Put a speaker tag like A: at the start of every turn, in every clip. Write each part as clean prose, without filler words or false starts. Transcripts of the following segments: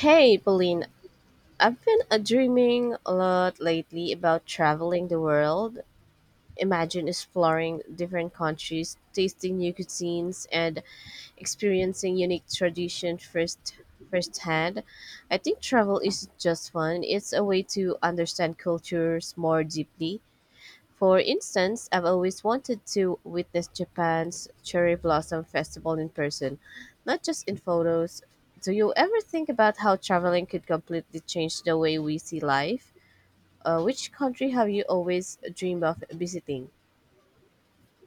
A: Hey, Pauline, I've been dreaming a lot lately about traveling the world. Imagine exploring different countries, tasting new cuisines, and experiencing unique traditions firsthand. I think travel is just fun. It's a way to understand cultures more deeply. For instance, I've always wanted to witness Japan's Cherry Blossom Festival in person, not just in photos. Do you ever think about how traveling could completely change the way we see life? Which country have you always dreamed of visiting?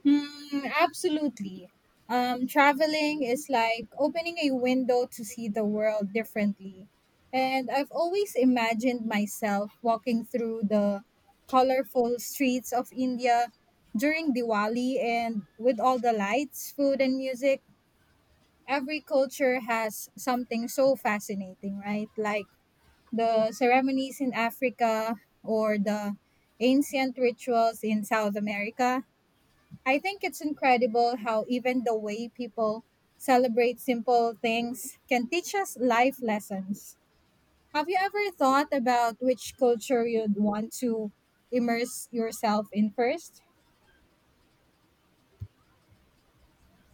B: Absolutely. Traveling is like opening a window to see the world differently. And I've always imagined myself walking through the colorful streets of India during Diwali and with all the lights, food, and music. Every culture has something so fascinating, right? Like the ceremonies in Africa or the ancient rituals in South America. I think it's incredible how even the way people celebrate simple things can teach us life lessons. Have you ever thought about which culture you'd want to immerse yourself in first?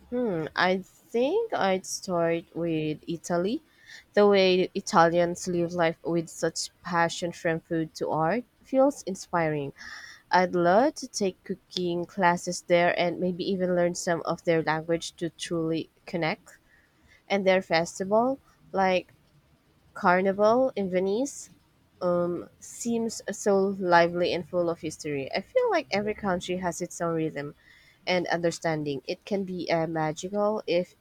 A: Hmm, I think I'd start with Italy. The way Italians live life with such passion from food to art feels inspiring. I'd love to take cooking classes there and maybe even learn some of their language to truly connect. And their festival, like Carnival in Venice, seems so lively and full of history. I feel like every country has its own rhythm and understanding. It can be magical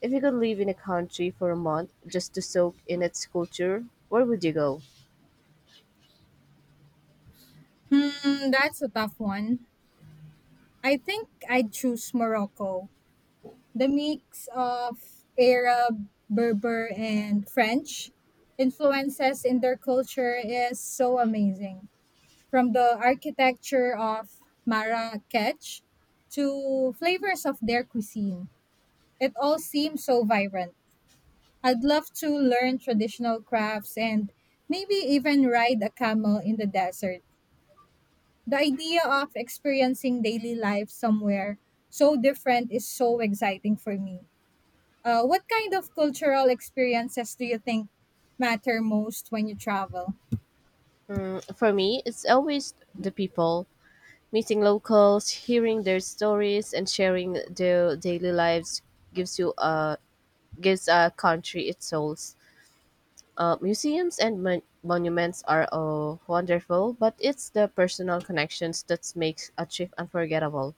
A: if you could live in a country for a month just to soak in its culture. Where would you go?
B: Hmm, that's a tough one. I think I'd choose Morocco. The mix of Arab, Berber, and French influences in their culture is so amazing, from the architecture of Marrakech to flavors of their cuisine. It all seems so vibrant. I'd love to learn traditional crafts and maybe even ride a camel in the desert. The idea of experiencing daily life somewhere so different is so exciting for me. What kind of cultural experiences do you think matter most when you travel?
A: For me, it's always the people. Meeting locals, hearing their stories, and sharing their daily lives gives you a gives a country its soul. Museums and monuments are wonderful, but it's the personal connections that makes a trip unforgettable.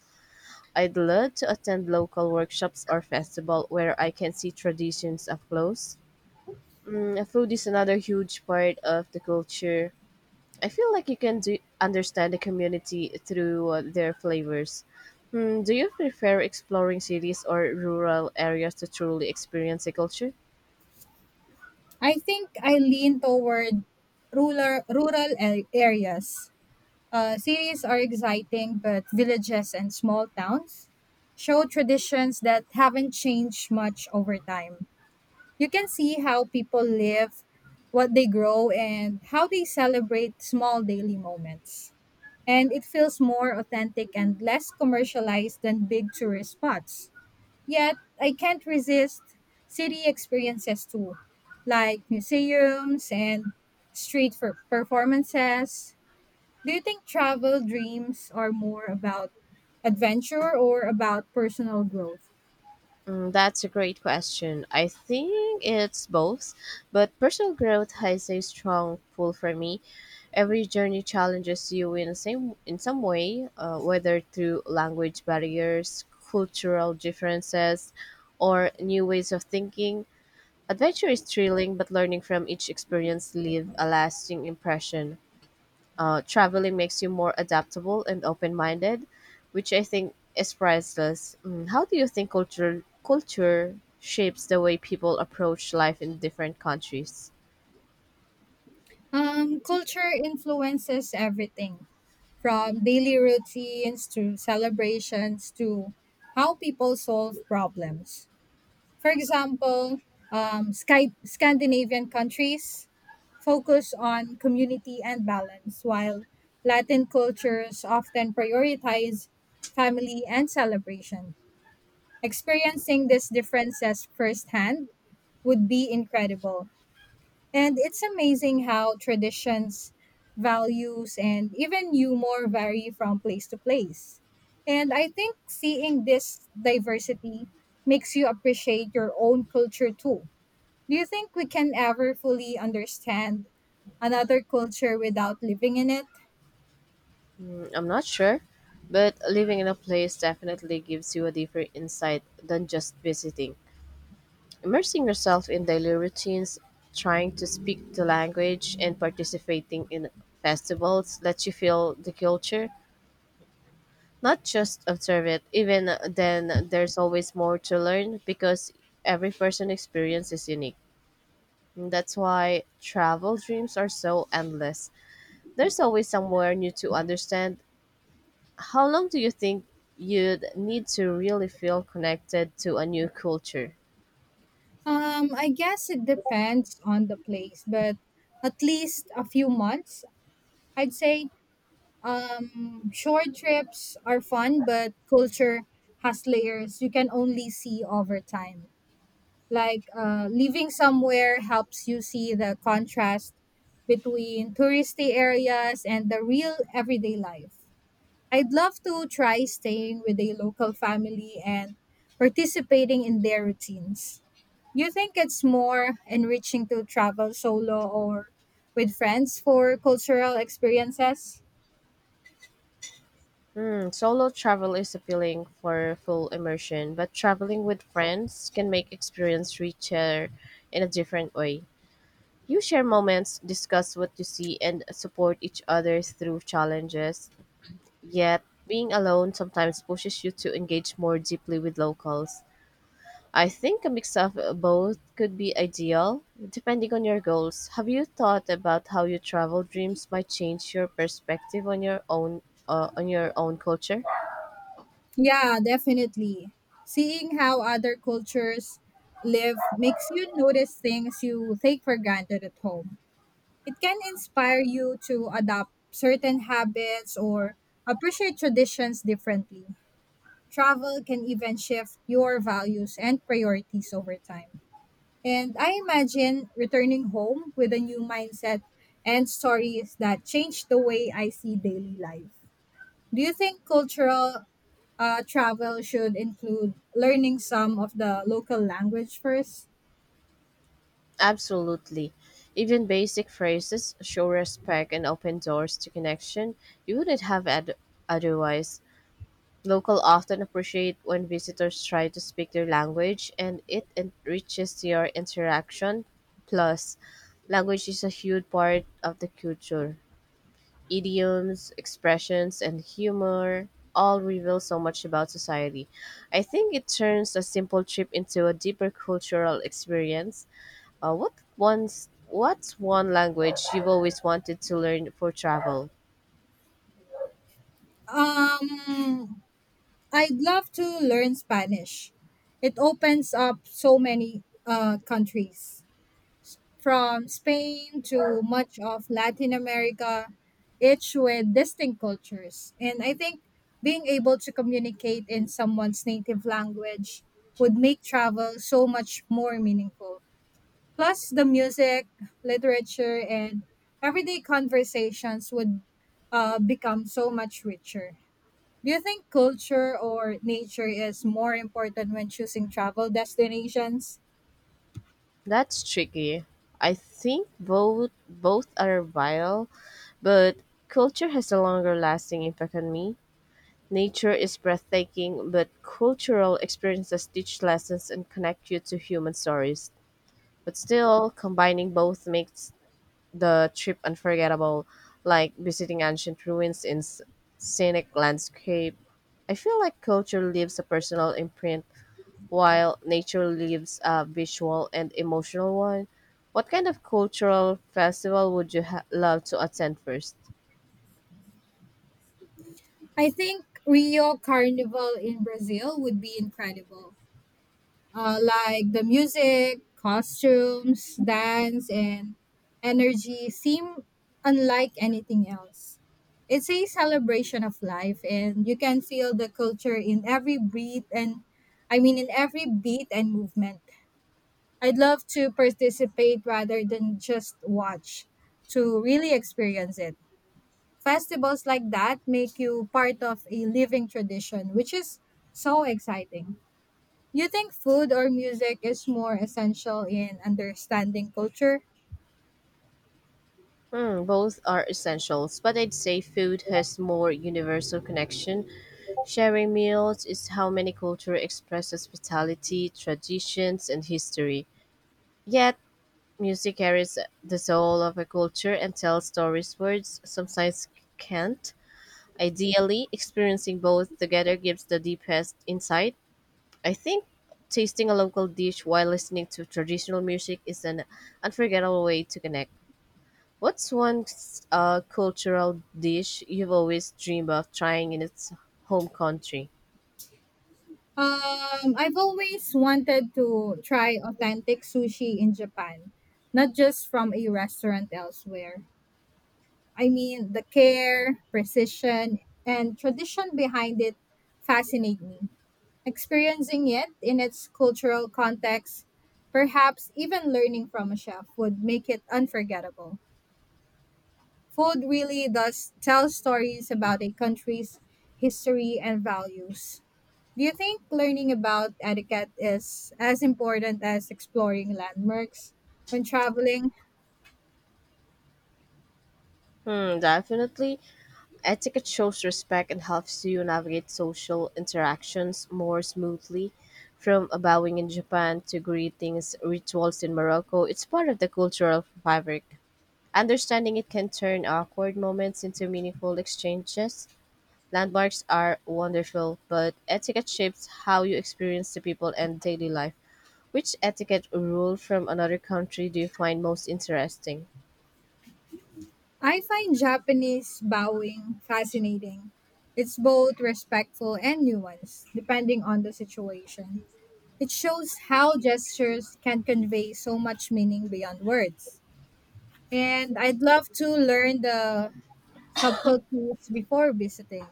A: I'd love to attend local workshops or festival where I can see traditions up close. Mm, food is another huge part of the culture. I feel like you can do understand the community through their flavors. Hmm, do you prefer exploring cities or rural areas to truly experience the culture?
B: I think I lean toward rural areas. Cities are exciting, but villages and small towns show traditions that haven't changed much over time. You can see how people live, what they grow, and how they celebrate small daily moments. And it feels more authentic and less commercialized than big tourist spots. Yet, I can't resist city experiences too, like museums and street for performances. Do you think travel dreams are more about adventure or about personal growth?
A: Mm, that's a great question. I think it's both, but personal growth has a strong pull for me. Every journey challenges you in the same in some way, whether through language barriers, cultural differences, or new ways of thinking. Adventure is thrilling, but learning from each experience leave a lasting impression. Traveling makes you more adaptable and open-minded, which I think is priceless. Mm, how do you think culture shapes the way people approach life in different countries?
B: Culture influences everything, from daily routines to celebrations to how people solve problems. For example, Scandinavian countries focus on community and balance, while Latin cultures often prioritize family and celebration. Experiencing these differences firsthand would be incredible. And it's amazing how traditions, values, and even humor vary from place to place. And I think seeing this diversity makes you appreciate your own culture too. Do you think we can ever fully understand another culture without living in it?
A: Mm, I'm not sure, but living in a place definitely gives you a deeper insight than just visiting. Immersing yourself in daily routines, trying to speak the language, and participating in festivals lets you feel the culture, not just observe it. Even then, there's always more to learn because every person's experience is unique. And that's why travel dreams are so endless. There's always somewhere new to understand. How long do you think you'd need to really feel connected to a new culture?
B: I guess it depends on the place, but at least a few months, I'd say. Um, short trips are fun, but culture has layers you can only see over time. Like living somewhere helps you see the contrast between touristy areas and the real everyday life. I'd love to try staying with a local family and participating in their routines. You think it's more enriching to travel solo or with friends for cultural experiences?
A: Hmm, solo travel is appealing for full immersion, but traveling with friends can make experience richer in a different way. You share moments, discuss what you see, and support each other through challenges. Yet, being alone sometimes pushes you to engage more deeply with locals. I think a mix of both could be ideal, depending on your goals. Have you thought about how your travel dreams might change your perspective on your own culture?
B: Yeah, definitely. Seeing how other cultures live makes you notice things you take for granted at home. It can inspire you to adopt certain habits or appreciate traditions differently. Travel can even shift your values and priorities over time. And I imagine returning home with a new mindset and stories that change the way I see daily life. Do you think cultural travel should include learning some of the local language first?
A: Absolutely. Even basic phrases show respect and open doors to connection you wouldn't have otherwise. Local often appreciate when visitors try to speak their language and it enriches your interaction. Plus, language is a huge part of the culture. Idioms, expressions, and humor all reveal so much about society. I think it turns a simple trip into a deeper cultural experience. Uh, what one's what's one language you've always wanted to learn for travel?
B: Um, I'd love to learn Spanish. It opens up so many countries, from Spain to much of Latin America, each with distinct cultures. And I think being able to communicate in someone's native language would make travel so much more meaningful. Plus, the music, literature, and everyday conversations would become so much richer. Do you think culture or nature is more important when choosing travel destinations?
A: That's tricky. I think both are vital, but culture has a longer lasting impact on me. Nature is breathtaking, but cultural experiences teach lessons and connect you to human stories. But still, combining both makes the trip unforgettable, like visiting ancient ruins in scenic landscape. I feel like culture leaves a personal imprint while nature leaves a visual and emotional one. What kind of cultural festival would you love to attend first?
B: I think Rio Carnival in Brazil would be incredible. Like the music, costumes, dance, and energy seem unlike anything else. It's a celebration of life, and you can feel the culture in every breath and, I mean, in every beat and movement. I'd love to participate rather than just watch to really experience it. Festivals like that make you part of a living tradition, which is so exciting. You think food or music is more essential in understanding culture?
A: Hmm, both are essentials, but I'd say food has more universal connection. Sharing meals is how many cultures express hospitality, traditions, and history. Yet, music carries the soul of a culture and tells stories words sometimes can't. Ideally, experiencing both together gives the deepest insight. I think tasting a local dish while listening to traditional music is an unforgettable way to connect. What's one cultural dish you've always dreamed of trying in its home country?
B: I've always wanted to try authentic sushi in Japan, not just from a restaurant elsewhere. I mean, the care, precision, and tradition behind it fascinate me. Experiencing it in its cultural context, perhaps even learning from a chef, would make it unforgettable. Food really does tell stories about a country's history and values. Do you think learning about etiquette is as important as exploring landmarks when traveling?
A: Hmm, definitely. Etiquette shows respect and helps you navigate social interactions more smoothly. From bowing in Japan to greetings rituals in Morocco, it's part of the cultural fabric. Understanding it can turn awkward moments into meaningful exchanges. Landmarks are wonderful, but etiquette shapes how you experience the people and daily life. Which etiquette rule from another country do you find most interesting?
B: I find Japanese bowing fascinating. It's both respectful and nuanced, depending on the situation. It shows how gestures can convey so much meaning beyond words. And I'd love to learn the subtleties before visiting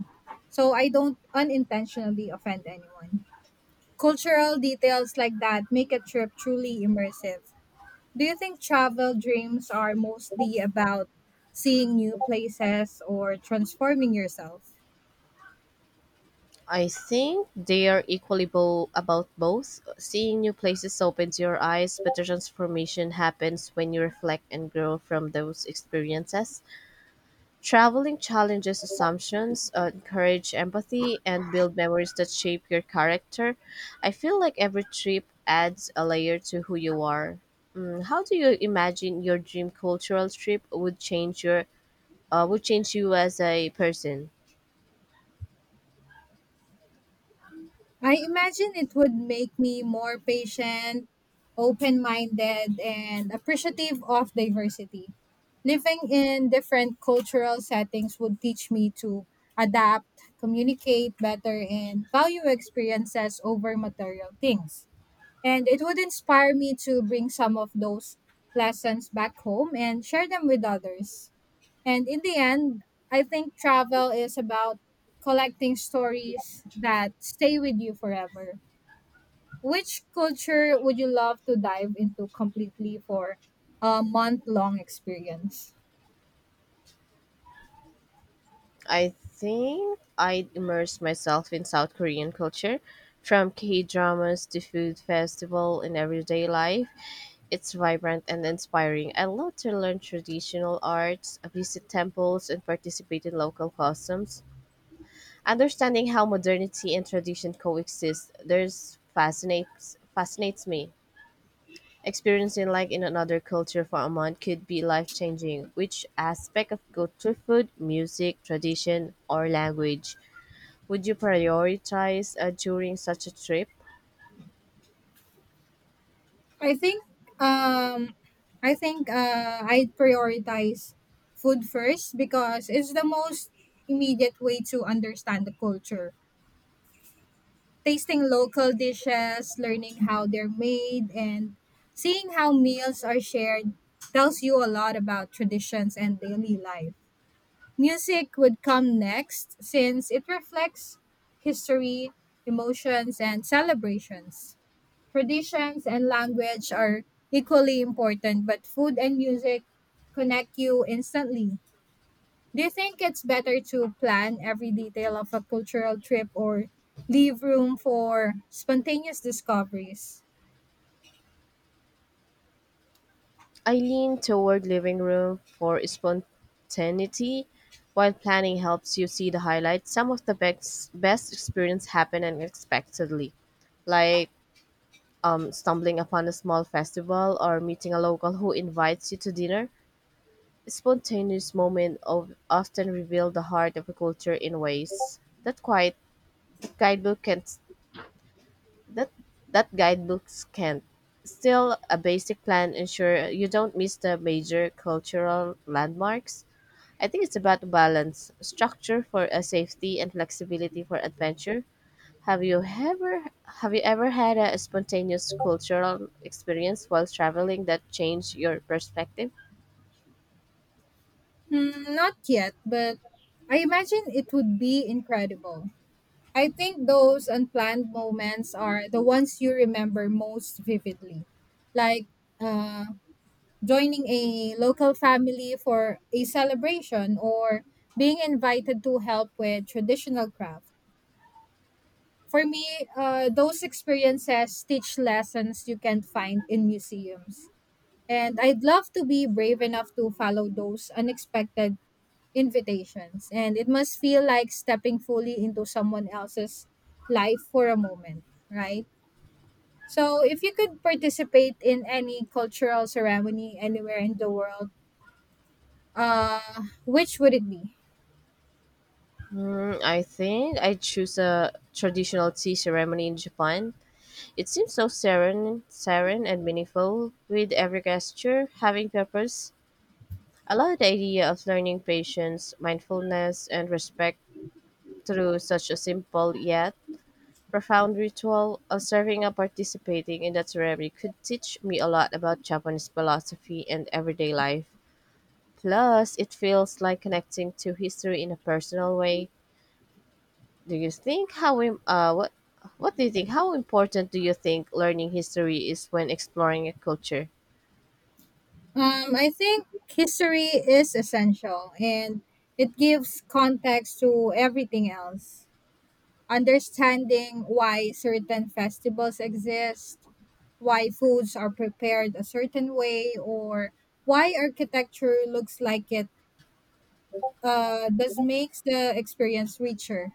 B: so I don't unintentionally offend anyone. Cultural details like that make a trip truly immersive. Do you think travel dreams are mostly about seeing new places or transforming yourself?
A: I think they are equally about both. Seeing new places opens your eyes, but the transformation happens when you reflect and grow from those experiences. Traveling challenges assumptions, encourage empathy, and build memories that shape your character. I feel like every trip adds a layer to who you are. Mm, how do you imagine your dream cultural trip would change your would change you as a person?
B: I imagine it would make me more patient, open minded, and appreciative of diversity. Living in different cultural settings would teach me to adapt, communicate better, and value experiences over material things. And it would inspire me to bring some of those lessons back home and share them with others. And in the end, I think travel is about collecting stories that stay with you forever. Which culture would you love to dive into completely for a month long experience?
A: I think I'd immerse myself in South Korean culture, from K dramas to food festival and everyday life. It's vibrant and inspiring. I love to learn traditional arts, visit temples, and participate in local customs. Understanding how modernity and tradition coexist, there's fascinates fascinates me. Experiencing life in another culture for a month could be life changing. Which aspect of culture, food, music, tradition, or language would you prioritize during such a trip?
B: I think um I think I'd prioritize food first because it's the most immediate way to understand the culture, tasting local dishes, learning how they're made, and seeing how meals are shared tells you a lot about traditions and daily life. Music would come next since it reflects history, emotions, and celebrations. Traditions and language are equally important, but food and music connect you instantly. Do you think it's better to plan every detail of a cultural trip or leave room for spontaneous discoveries?
A: I lean toward living room for spontaneity. While planning helps you see the highlights, some of the best experience happen unexpectedly, like stumbling upon a small festival or meeting a local who invites you to dinner. Spontaneous moments of often reveal the heart of a culture in ways that quite that guidebook can't That that guidebooks can't. Still, a basic plan ensure you don't miss the major cultural landmarks. I think it's about balance, structure for a safety and flexibility for adventure. Have you ever have you ever had a spontaneous cultural experience while traveling that changed your perspective?
B: Hmm, not yet, but I imagine it would be incredible. I think those unplanned moments are the ones you remember most vividly, like uh, joining a local family for a celebration or being invited to help with traditional crafts. For me, those experiences teach lessons you can't find in museums. And I'd love to be brave enough to follow those unexpected invitations. And it must feel like stepping fully into someone else's life for a moment, right? So, if you could participate in any cultural ceremony anywhere in the world, uh, which would it be?
A: Hmm, I think I choose a traditional tea ceremony in Japan. It seems so serene and meaningful, with every gesture having purpose. I love the idea of learning patience, mindfulness, and respect through such a simple yet profound ritual of serving and participating in that ceremony could teach me a lot about Japanese philosophy and everyday life. Plus, it feels like connecting to history in a personal way. Do you think how im- what do you think? How important do you think learning history is when exploring a culture?
B: I think history is essential and it gives context to everything else. Understanding why certain festivals exist, why foods are prepared a certain way, or why architecture looks like it does makes the experience richer.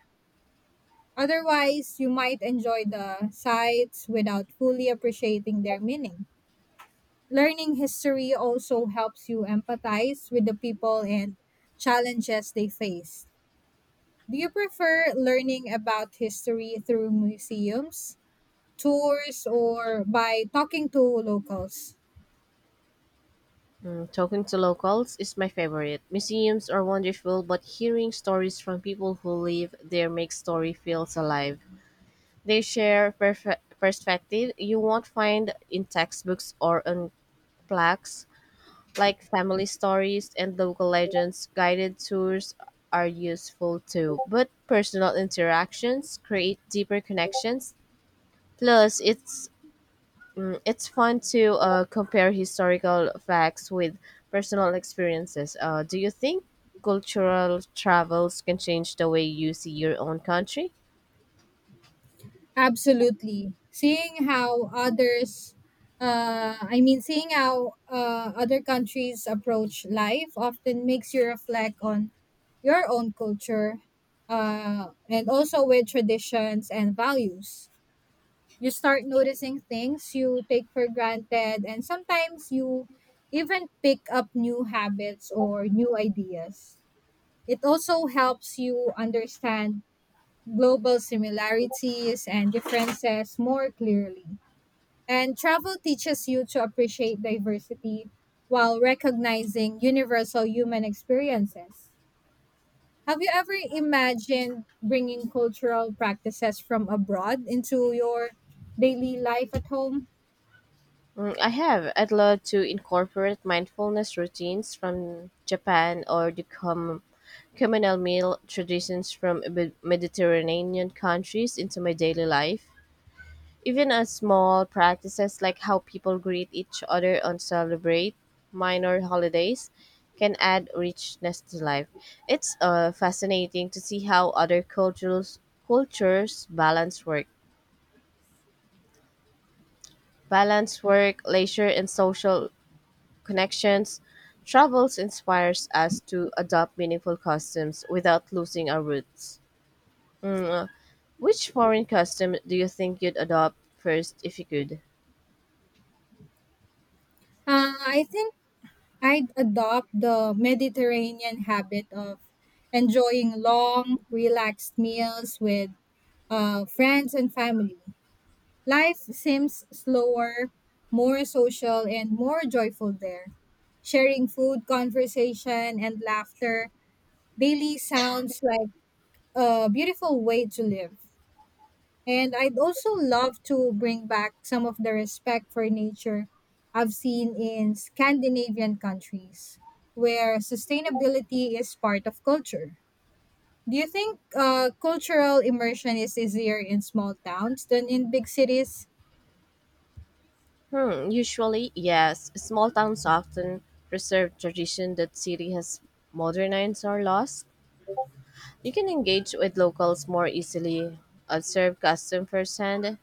B: Otherwise, you might enjoy the sights without fully appreciating their meaning. Learning history also helps you empathize with the people and challenges they face. Do you prefer learning about history through museums, tours, or by talking to locals?
A: Mm, talking to locals is my favorite. Museums are wonderful, but hearing stories from people who live there makes story feels alive. They share perspective you won't find in textbooks or on plaques, like family stories and local legends. Guided tours are useful too, but personal interactions create deeper connections. Plus, it's Mm, it's fun to compare historical facts with personal experiences. Do you think cultural travels can change the way you see your own country?
B: Absolutely. Seeing how others, I mean, seeing how other countries approach life often makes you reflect on your own culture, and also with traditions and values. You start noticing things you take for granted, and sometimes you even pick up new habits or new ideas. It also helps you understand global similarities and differences more clearly, and travel teaches you to appreciate diversity while recognizing universal human experiences. Have you ever imagined bringing cultural practices from abroad into your daily life at home?
A: Mm, I have. I'd love to incorporate mindfulness routines from Japan or the communal meal traditions from Mediterranean countries into my daily life. Even as small practices like how people greet each other and celebrate minor holidays can add richness to life. It's fascinating to see how other cultures cultures balance work, leisure, and social connections. Travels inspires us to adopt meaningful customs without losing our roots. Mm, uh, which foreign custom do you think you'd adopt first if you could?
B: I think I'd adopt the Mediterranean habit of enjoying long, relaxed meals with friends and family. Life seems slower, more social, and more joyful there. Sharing food, conversation, and laughter daily sounds like a beautiful way to live. And I'd also love to bring back some of the respect for nature I've seen in Scandinavian countries, where sustainability is part of culture. Do you think cultural immersion is easier in small towns than in big cities?
A: Hmm, usually, yes. Small towns often preserve tradition that city has modernized or lost. You can engage with locals more easily, observe custom firsthand,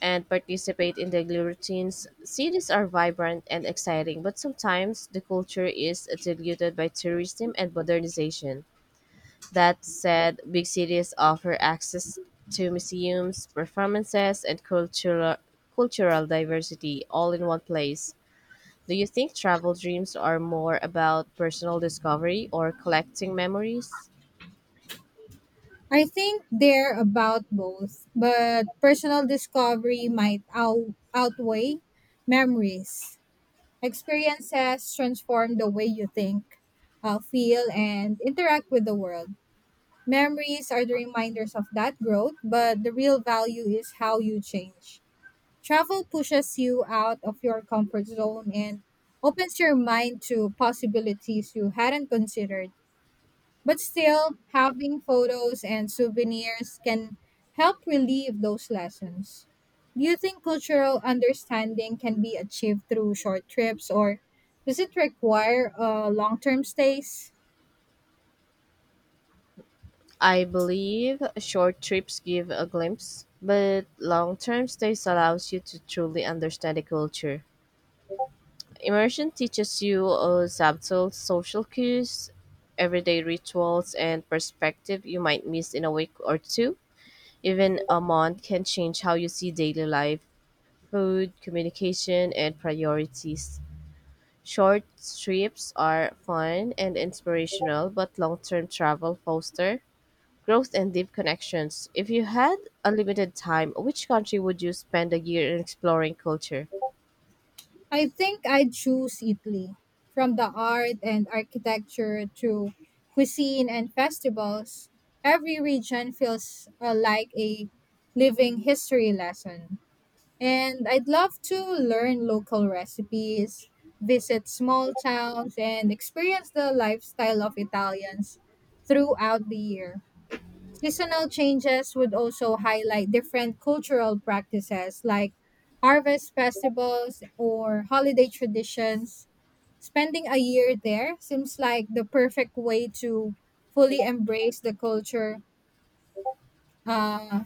A: and participate in daily routines. Cities are vibrant and exciting, but sometimes the culture is diluted by tourism and modernization. That said, big cities offer access to museums, performances, and cultural diversity all in one place. Do you think travel dreams are more about personal discovery or collecting memories?
B: I think they're about both, but personal discovery might outweigh memories. Experiences transform the way you think, feel, and interact with the world. Memories are the reminders of that growth, but the real value is how you change. Travel pushes you out of your comfort zone and opens your mind to possibilities you hadn't considered. But still, having photos and souvenirs can help relieve those lessons. Do you think cultural understanding can be achieved through short trips, or does it require long term stays?
A: I believe short trips give a glimpse, but long-term stays allows you to truly understand the culture. Immersion teaches you subtle social cues, everyday rituals, and perspective you might miss in a week or two. Even a month can change how you see daily life, food, communication, and priorities. Short trips are fun and inspirational, but long term travel fosters growth and deep connections. If you had unlimited time, which country would you spend a year in exploring culture?
B: I think I'd choose Italy. From the art and architecture to cuisine and festivals, every region feels like a living history lesson. And I'd love to learn local recipes, visit small towns, and experience the lifestyle of Italians throughout the year. Seasonal changes would also highlight different cultural practices like harvest festivals or holiday traditions. Spending a year there seems like the perfect way to fully embrace the culture. Uh,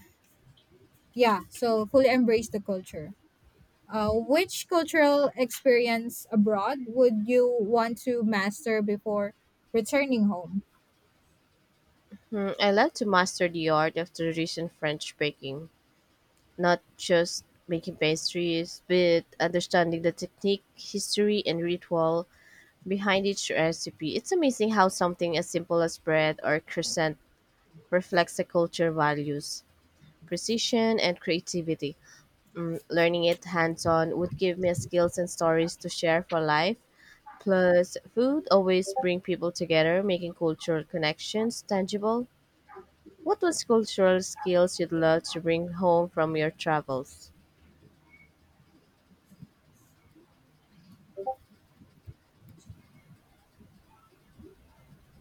B: yeah, so fully embrace the culture. Which cultural experience abroad would you want to master before returning home?
A: Hmm, I like to master the art of traditional French baking, not just making pastries, but understanding the technique, history, and ritual behind each recipe. It's amazing how something as simple as bread or croissant reflects the culture values. Precision and creativity. Learning it hands on would give me skills and stories to share for life. Plus, food always bring people together, making cultural connections tangible. What was cultural skills you'd love to bring home from your travels?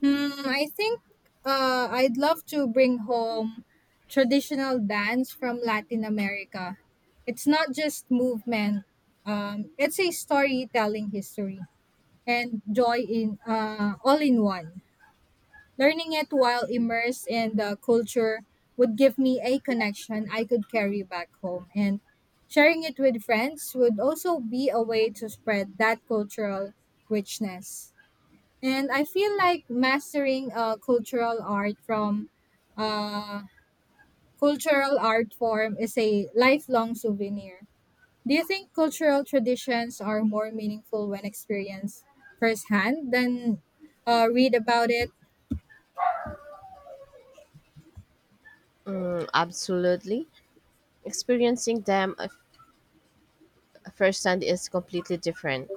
B: Hmm, I think I'd love to bring home traditional dance from Latin America. It's not just movement, it's a storytelling history and joy in, all in one. Learning it while immersed in the culture would give me a connection I could carry back home. And sharing it with friends would also be a way to spread that cultural richness. And I feel like mastering a cultural art from uh, cultural art form is a lifelong souvenir. Do you think cultural traditions are more meaningful when experienced firsthand than read about it?
A: Mm, absolutely. Experiencing them firsthand is completely different.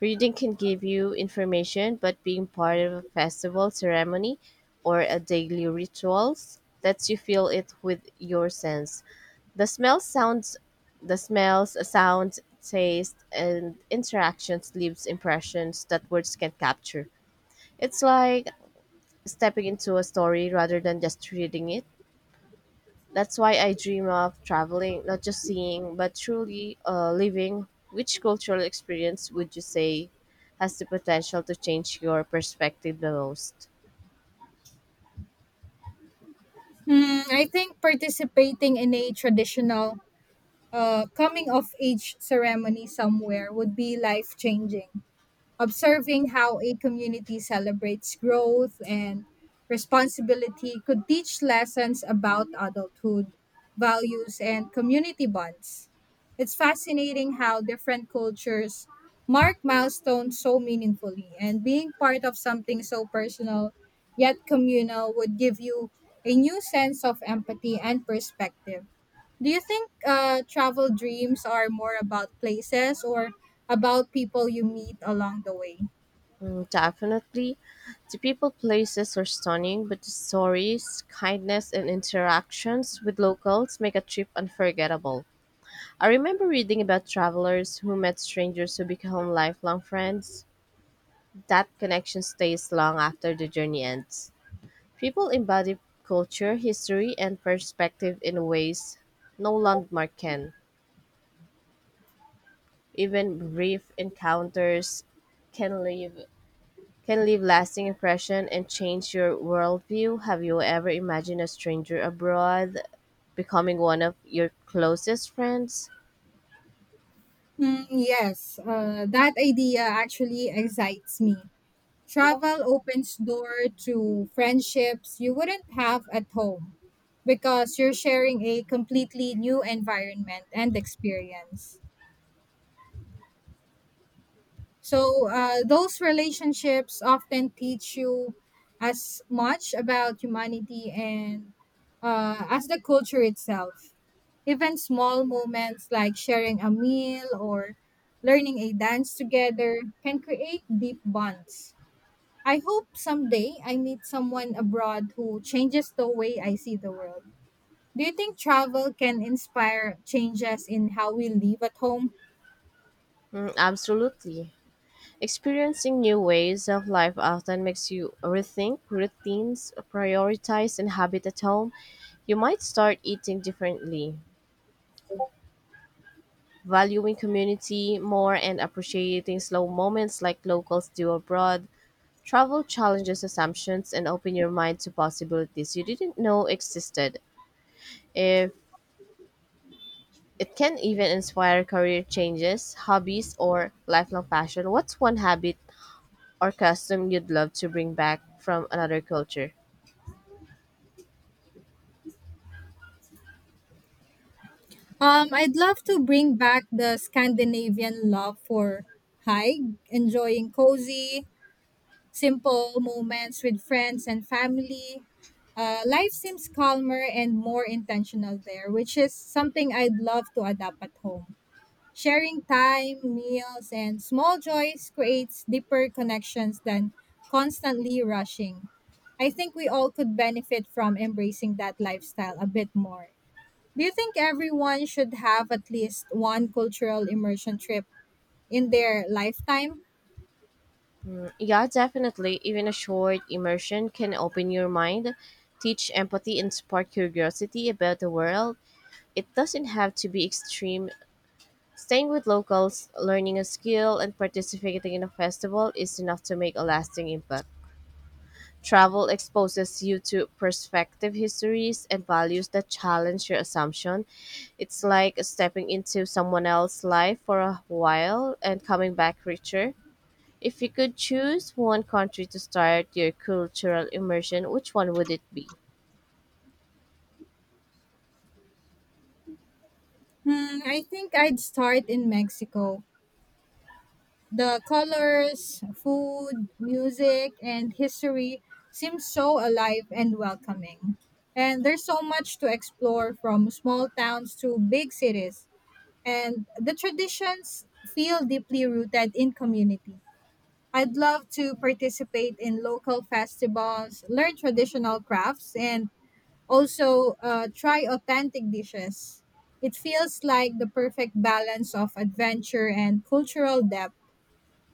A: Reading can give you information, but being part of a festival ceremony or a daily rituals lets you feel it with your sense. The smells, sounds the smells, sounds, taste, and interactions leaves impressions that words can capture. It's like stepping into a story rather than just reading it. That's why I dream of traveling, not just seeing, but truly living. Which cultural experience would you say has the potential to change your perspective the most?
B: Hmm, I think participating in a traditional coming of age ceremony somewhere would be life changing. Observing how a community celebrates growth and responsibility could teach lessons about adulthood, values, and community bonds. It's fascinating how different cultures mark milestones so meaningfully, and being part of something so personal yet communal would give you a new sense of empathy and perspective. Do you think travel dreams are more about places or about people you meet along the way?
A: Mm, definitely. The people places are stunning, but the stories, kindness, and interactions with locals make a trip unforgettable. I remember reading about travelers who met strangers who become lifelong friends. That connection stays long after the journey ends. People embody culture, history, and perspective in ways no landmark can. Even brief encounters can leave can leave lasting impression and change your worldview. Have you ever imagined a stranger abroad becoming one of your closest friends?
B: Mm, yes, that idea actually excites me. Travel opens door to friendships you wouldn't have at home because you're sharing a completely new environment and experience. So those relationships often teach you as much about humanity and as the culture itself. Even small moments like sharing a meal or learning a dance together can create deep bonds. I hope someday I meet someone abroad who changes the way I see the world. Do you think travel can inspire changes in how we live at home?
A: Mm, absolutely. Experiencing new ways of life often makes you rethink routines, prioritize, and habit at home. You might start eating differently, valuing community more and appreciating slow moments like locals do abroad. Travel challenges assumptions and open your mind to possibilities you didn't know existed. If it can even inspire career changes, hobbies, or lifelong passion. What's one habit or custom you'd love to bring back from another culture?
B: I'd love to bring back the Scandinavian love for hike, enjoying cozy, simple moments with friends and family. Life seems calmer and more intentional there, which is something I'd love to adapt at home. Sharing time, meals, and small joys creates deeper connections than constantly rushing. I think we all could benefit from embracing that lifestyle a bit more. Do you think everyone should have at least one cultural immersion trip in their lifetime?
A: Yeah, definitely. Even a short immersion can open your mind, teach empathy, and spark curiosity about the world. It doesn't have to be extreme. Staying with locals, learning a skill, and participating in a festival is enough to make a lasting impact. Travel exposes you to perspective histories and values that challenge your assumption. It's like stepping into someone else's life for a while and coming back richer. If you could choose one country to start your cultural immersion, which one would it be?
B: Hmm, I think I'd start in Mexico. The colors, food, music, and history seem so alive and welcoming. And there's so much to explore from small towns to big cities. And the traditions feel deeply rooted in community. I'd love to participate in local festivals, learn traditional crafts, and also, try authentic dishes. It feels like the perfect balance of adventure and cultural depth.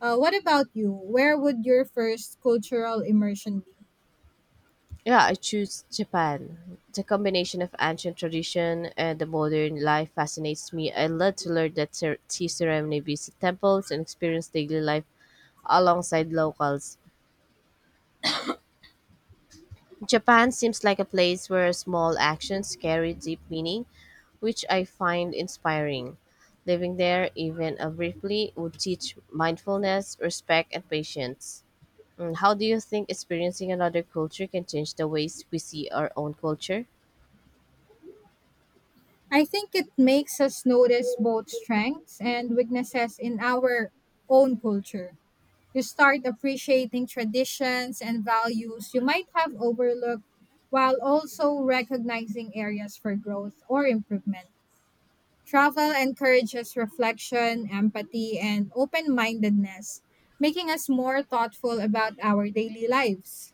B: What about you? Where would your first cultural immersion be?
A: Yeah, I choose Japan. The combination of ancient tradition and the modern life fascinates me. I love to learn that tea ceremony, visit temples, and experience daily life alongside locals. Japan seems like a place where small actions carry deep meaning, which I find inspiring. Living there, even briefly, would teach mindfulness, respect, and patience. Mm, how do you think experiencing another culture can change the ways we see our own culture?
B: I think it makes us notice both strengths and weaknesses in our own culture. You start appreciating traditions and values you might have overlooked while also recognizing areas for growth or improvement. Travel encourages reflection, empathy, and open mindedness, making us more thoughtful about our daily lives.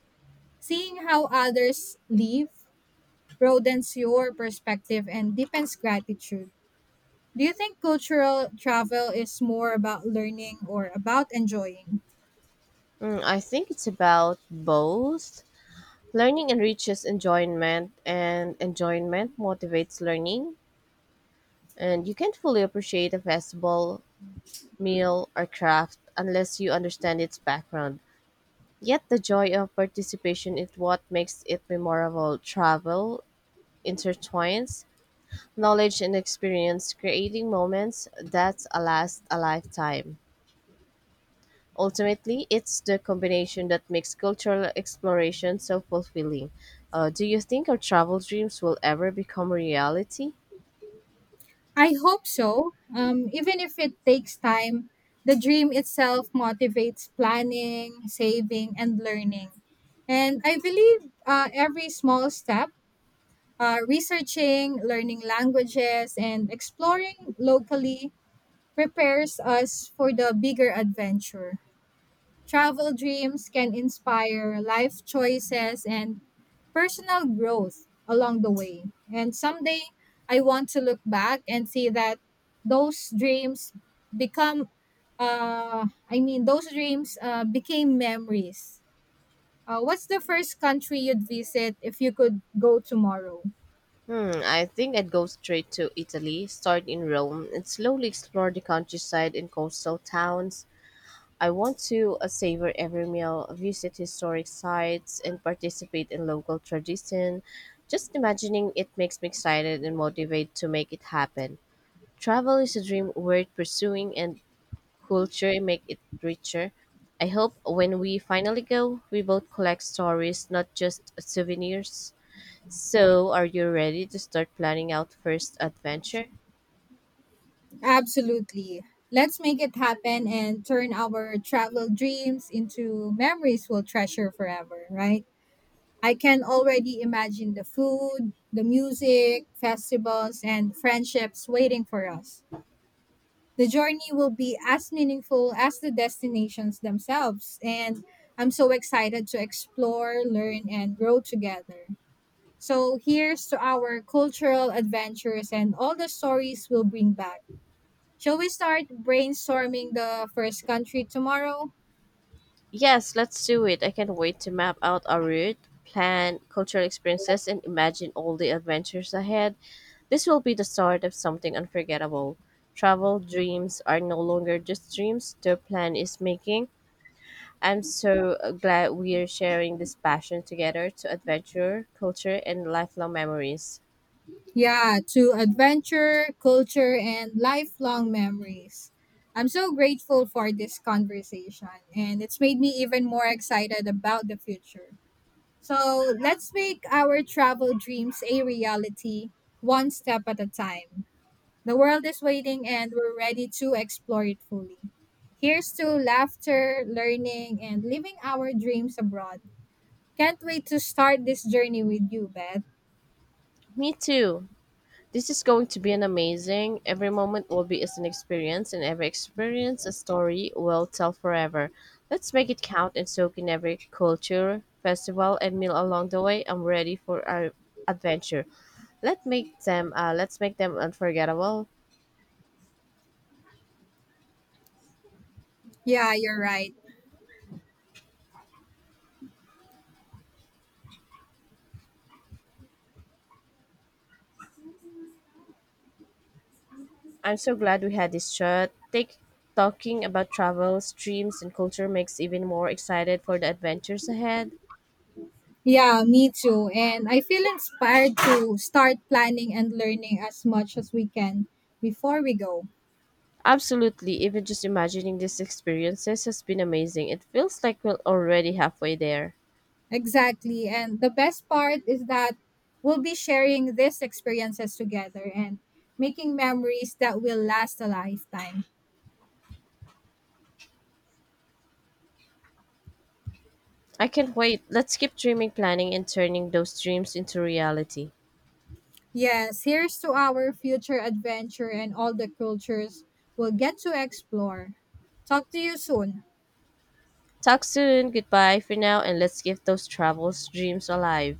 B: Seeing how others live broadens your perspective and deepens gratitude. Do you think cultural travel is more about learning or about enjoying?
A: Mm, I think it's about both. Learning enriches enjoyment, and enjoyment motivates learning. And you can't fully appreciate a festival, meal, or craft unless you understand its background. Yet the joy of participation is what makes it memorable. Travel intertwines knowledge and experience, creating moments that last a lifetime. Ultimately, it's the combination that makes cultural exploration so fulfilling. Do you think our travel dreams will ever become a reality?
B: I hope so. Even if it takes time, the dream itself motivates planning, saving, and learning. And I believe every small step, researching, learning languages, and exploring locally, prepares us for the bigger adventure. Travel dreams can inspire life choices and personal growth along the way. And someday I want to look back and see that those dreams become I mean those dreams became memories. What's the first country you'd visit if you could go tomorrow?
A: Hmm, I think I'd go straight to Italy, start in Rome, and slowly explore the countryside and coastal towns. I want to savor every meal, visit historic sites, and participate in local tradition. Just imagining it makes me excited and motivated to make it happen. Travel is a dream worth pursuing, and culture make it richer. I hope when we finally go, we both collect stories, not just souvenirs. So, are you ready to start planning out first adventure?
B: Absolutely. Let's make it happen and turn our travel dreams into memories we'll treasure forever, right? I can already imagine the food, the music, festivals, and friendships waiting for us. The journey will be as meaningful as the destinations themselves, and I'm so excited to explore, learn, and grow together. So, here's to our cultural adventures and all the stories we'll bring back. Shall we start brainstorming the first country tomorrow?
A: Yes, let's do it. I can't wait to map out our route, plan cultural experiences, and imagine all the adventures ahead. This will be the start of something unforgettable. Travel dreams are no longer just dreams, their plan is making. I'm so glad we are sharing this passion together to adventure, culture, and lifelong memories.
B: Yeah, to adventure, culture, and lifelong memories. I'm so grateful for this conversation, and it's made me even more excited about the future. So let's make our travel dreams a reality, one step at a time. The world is waiting, and we're ready to explore it fully. Here's to laughter, learning, and living our dreams abroad. Can't wait to start this journey with you, Beth.
A: Me too. This is going to be an amazing. Every moment will be as an experience, and every experience a story will tell forever. Let's make it count and soak in every culture, festival, and meal along the way. I'm ready for our adventure. Let's make them unforgettable.
B: Yeah, you're right.
A: I'm so glad we had this chat. Talking about travels, dreams, and culture makes even more excited for the adventures ahead.
B: Yeah, me too. And I feel inspired to start planning and learning as much as we can before we go.
A: Absolutely, even just imagining these experiences has been amazing. It feels like we're already halfway there.
B: Exactly. And the best part is that we'll be sharing these experiences together and making memories that will last a lifetime.
A: I can't wait. Let's keep dreaming, planning, and turning those dreams into reality.
B: Yes, here's to our future adventure and all the cultures we'll get to explore. Talk to you soon.
A: Talk soon, goodbye for now, and let's keep those travels dreams alive.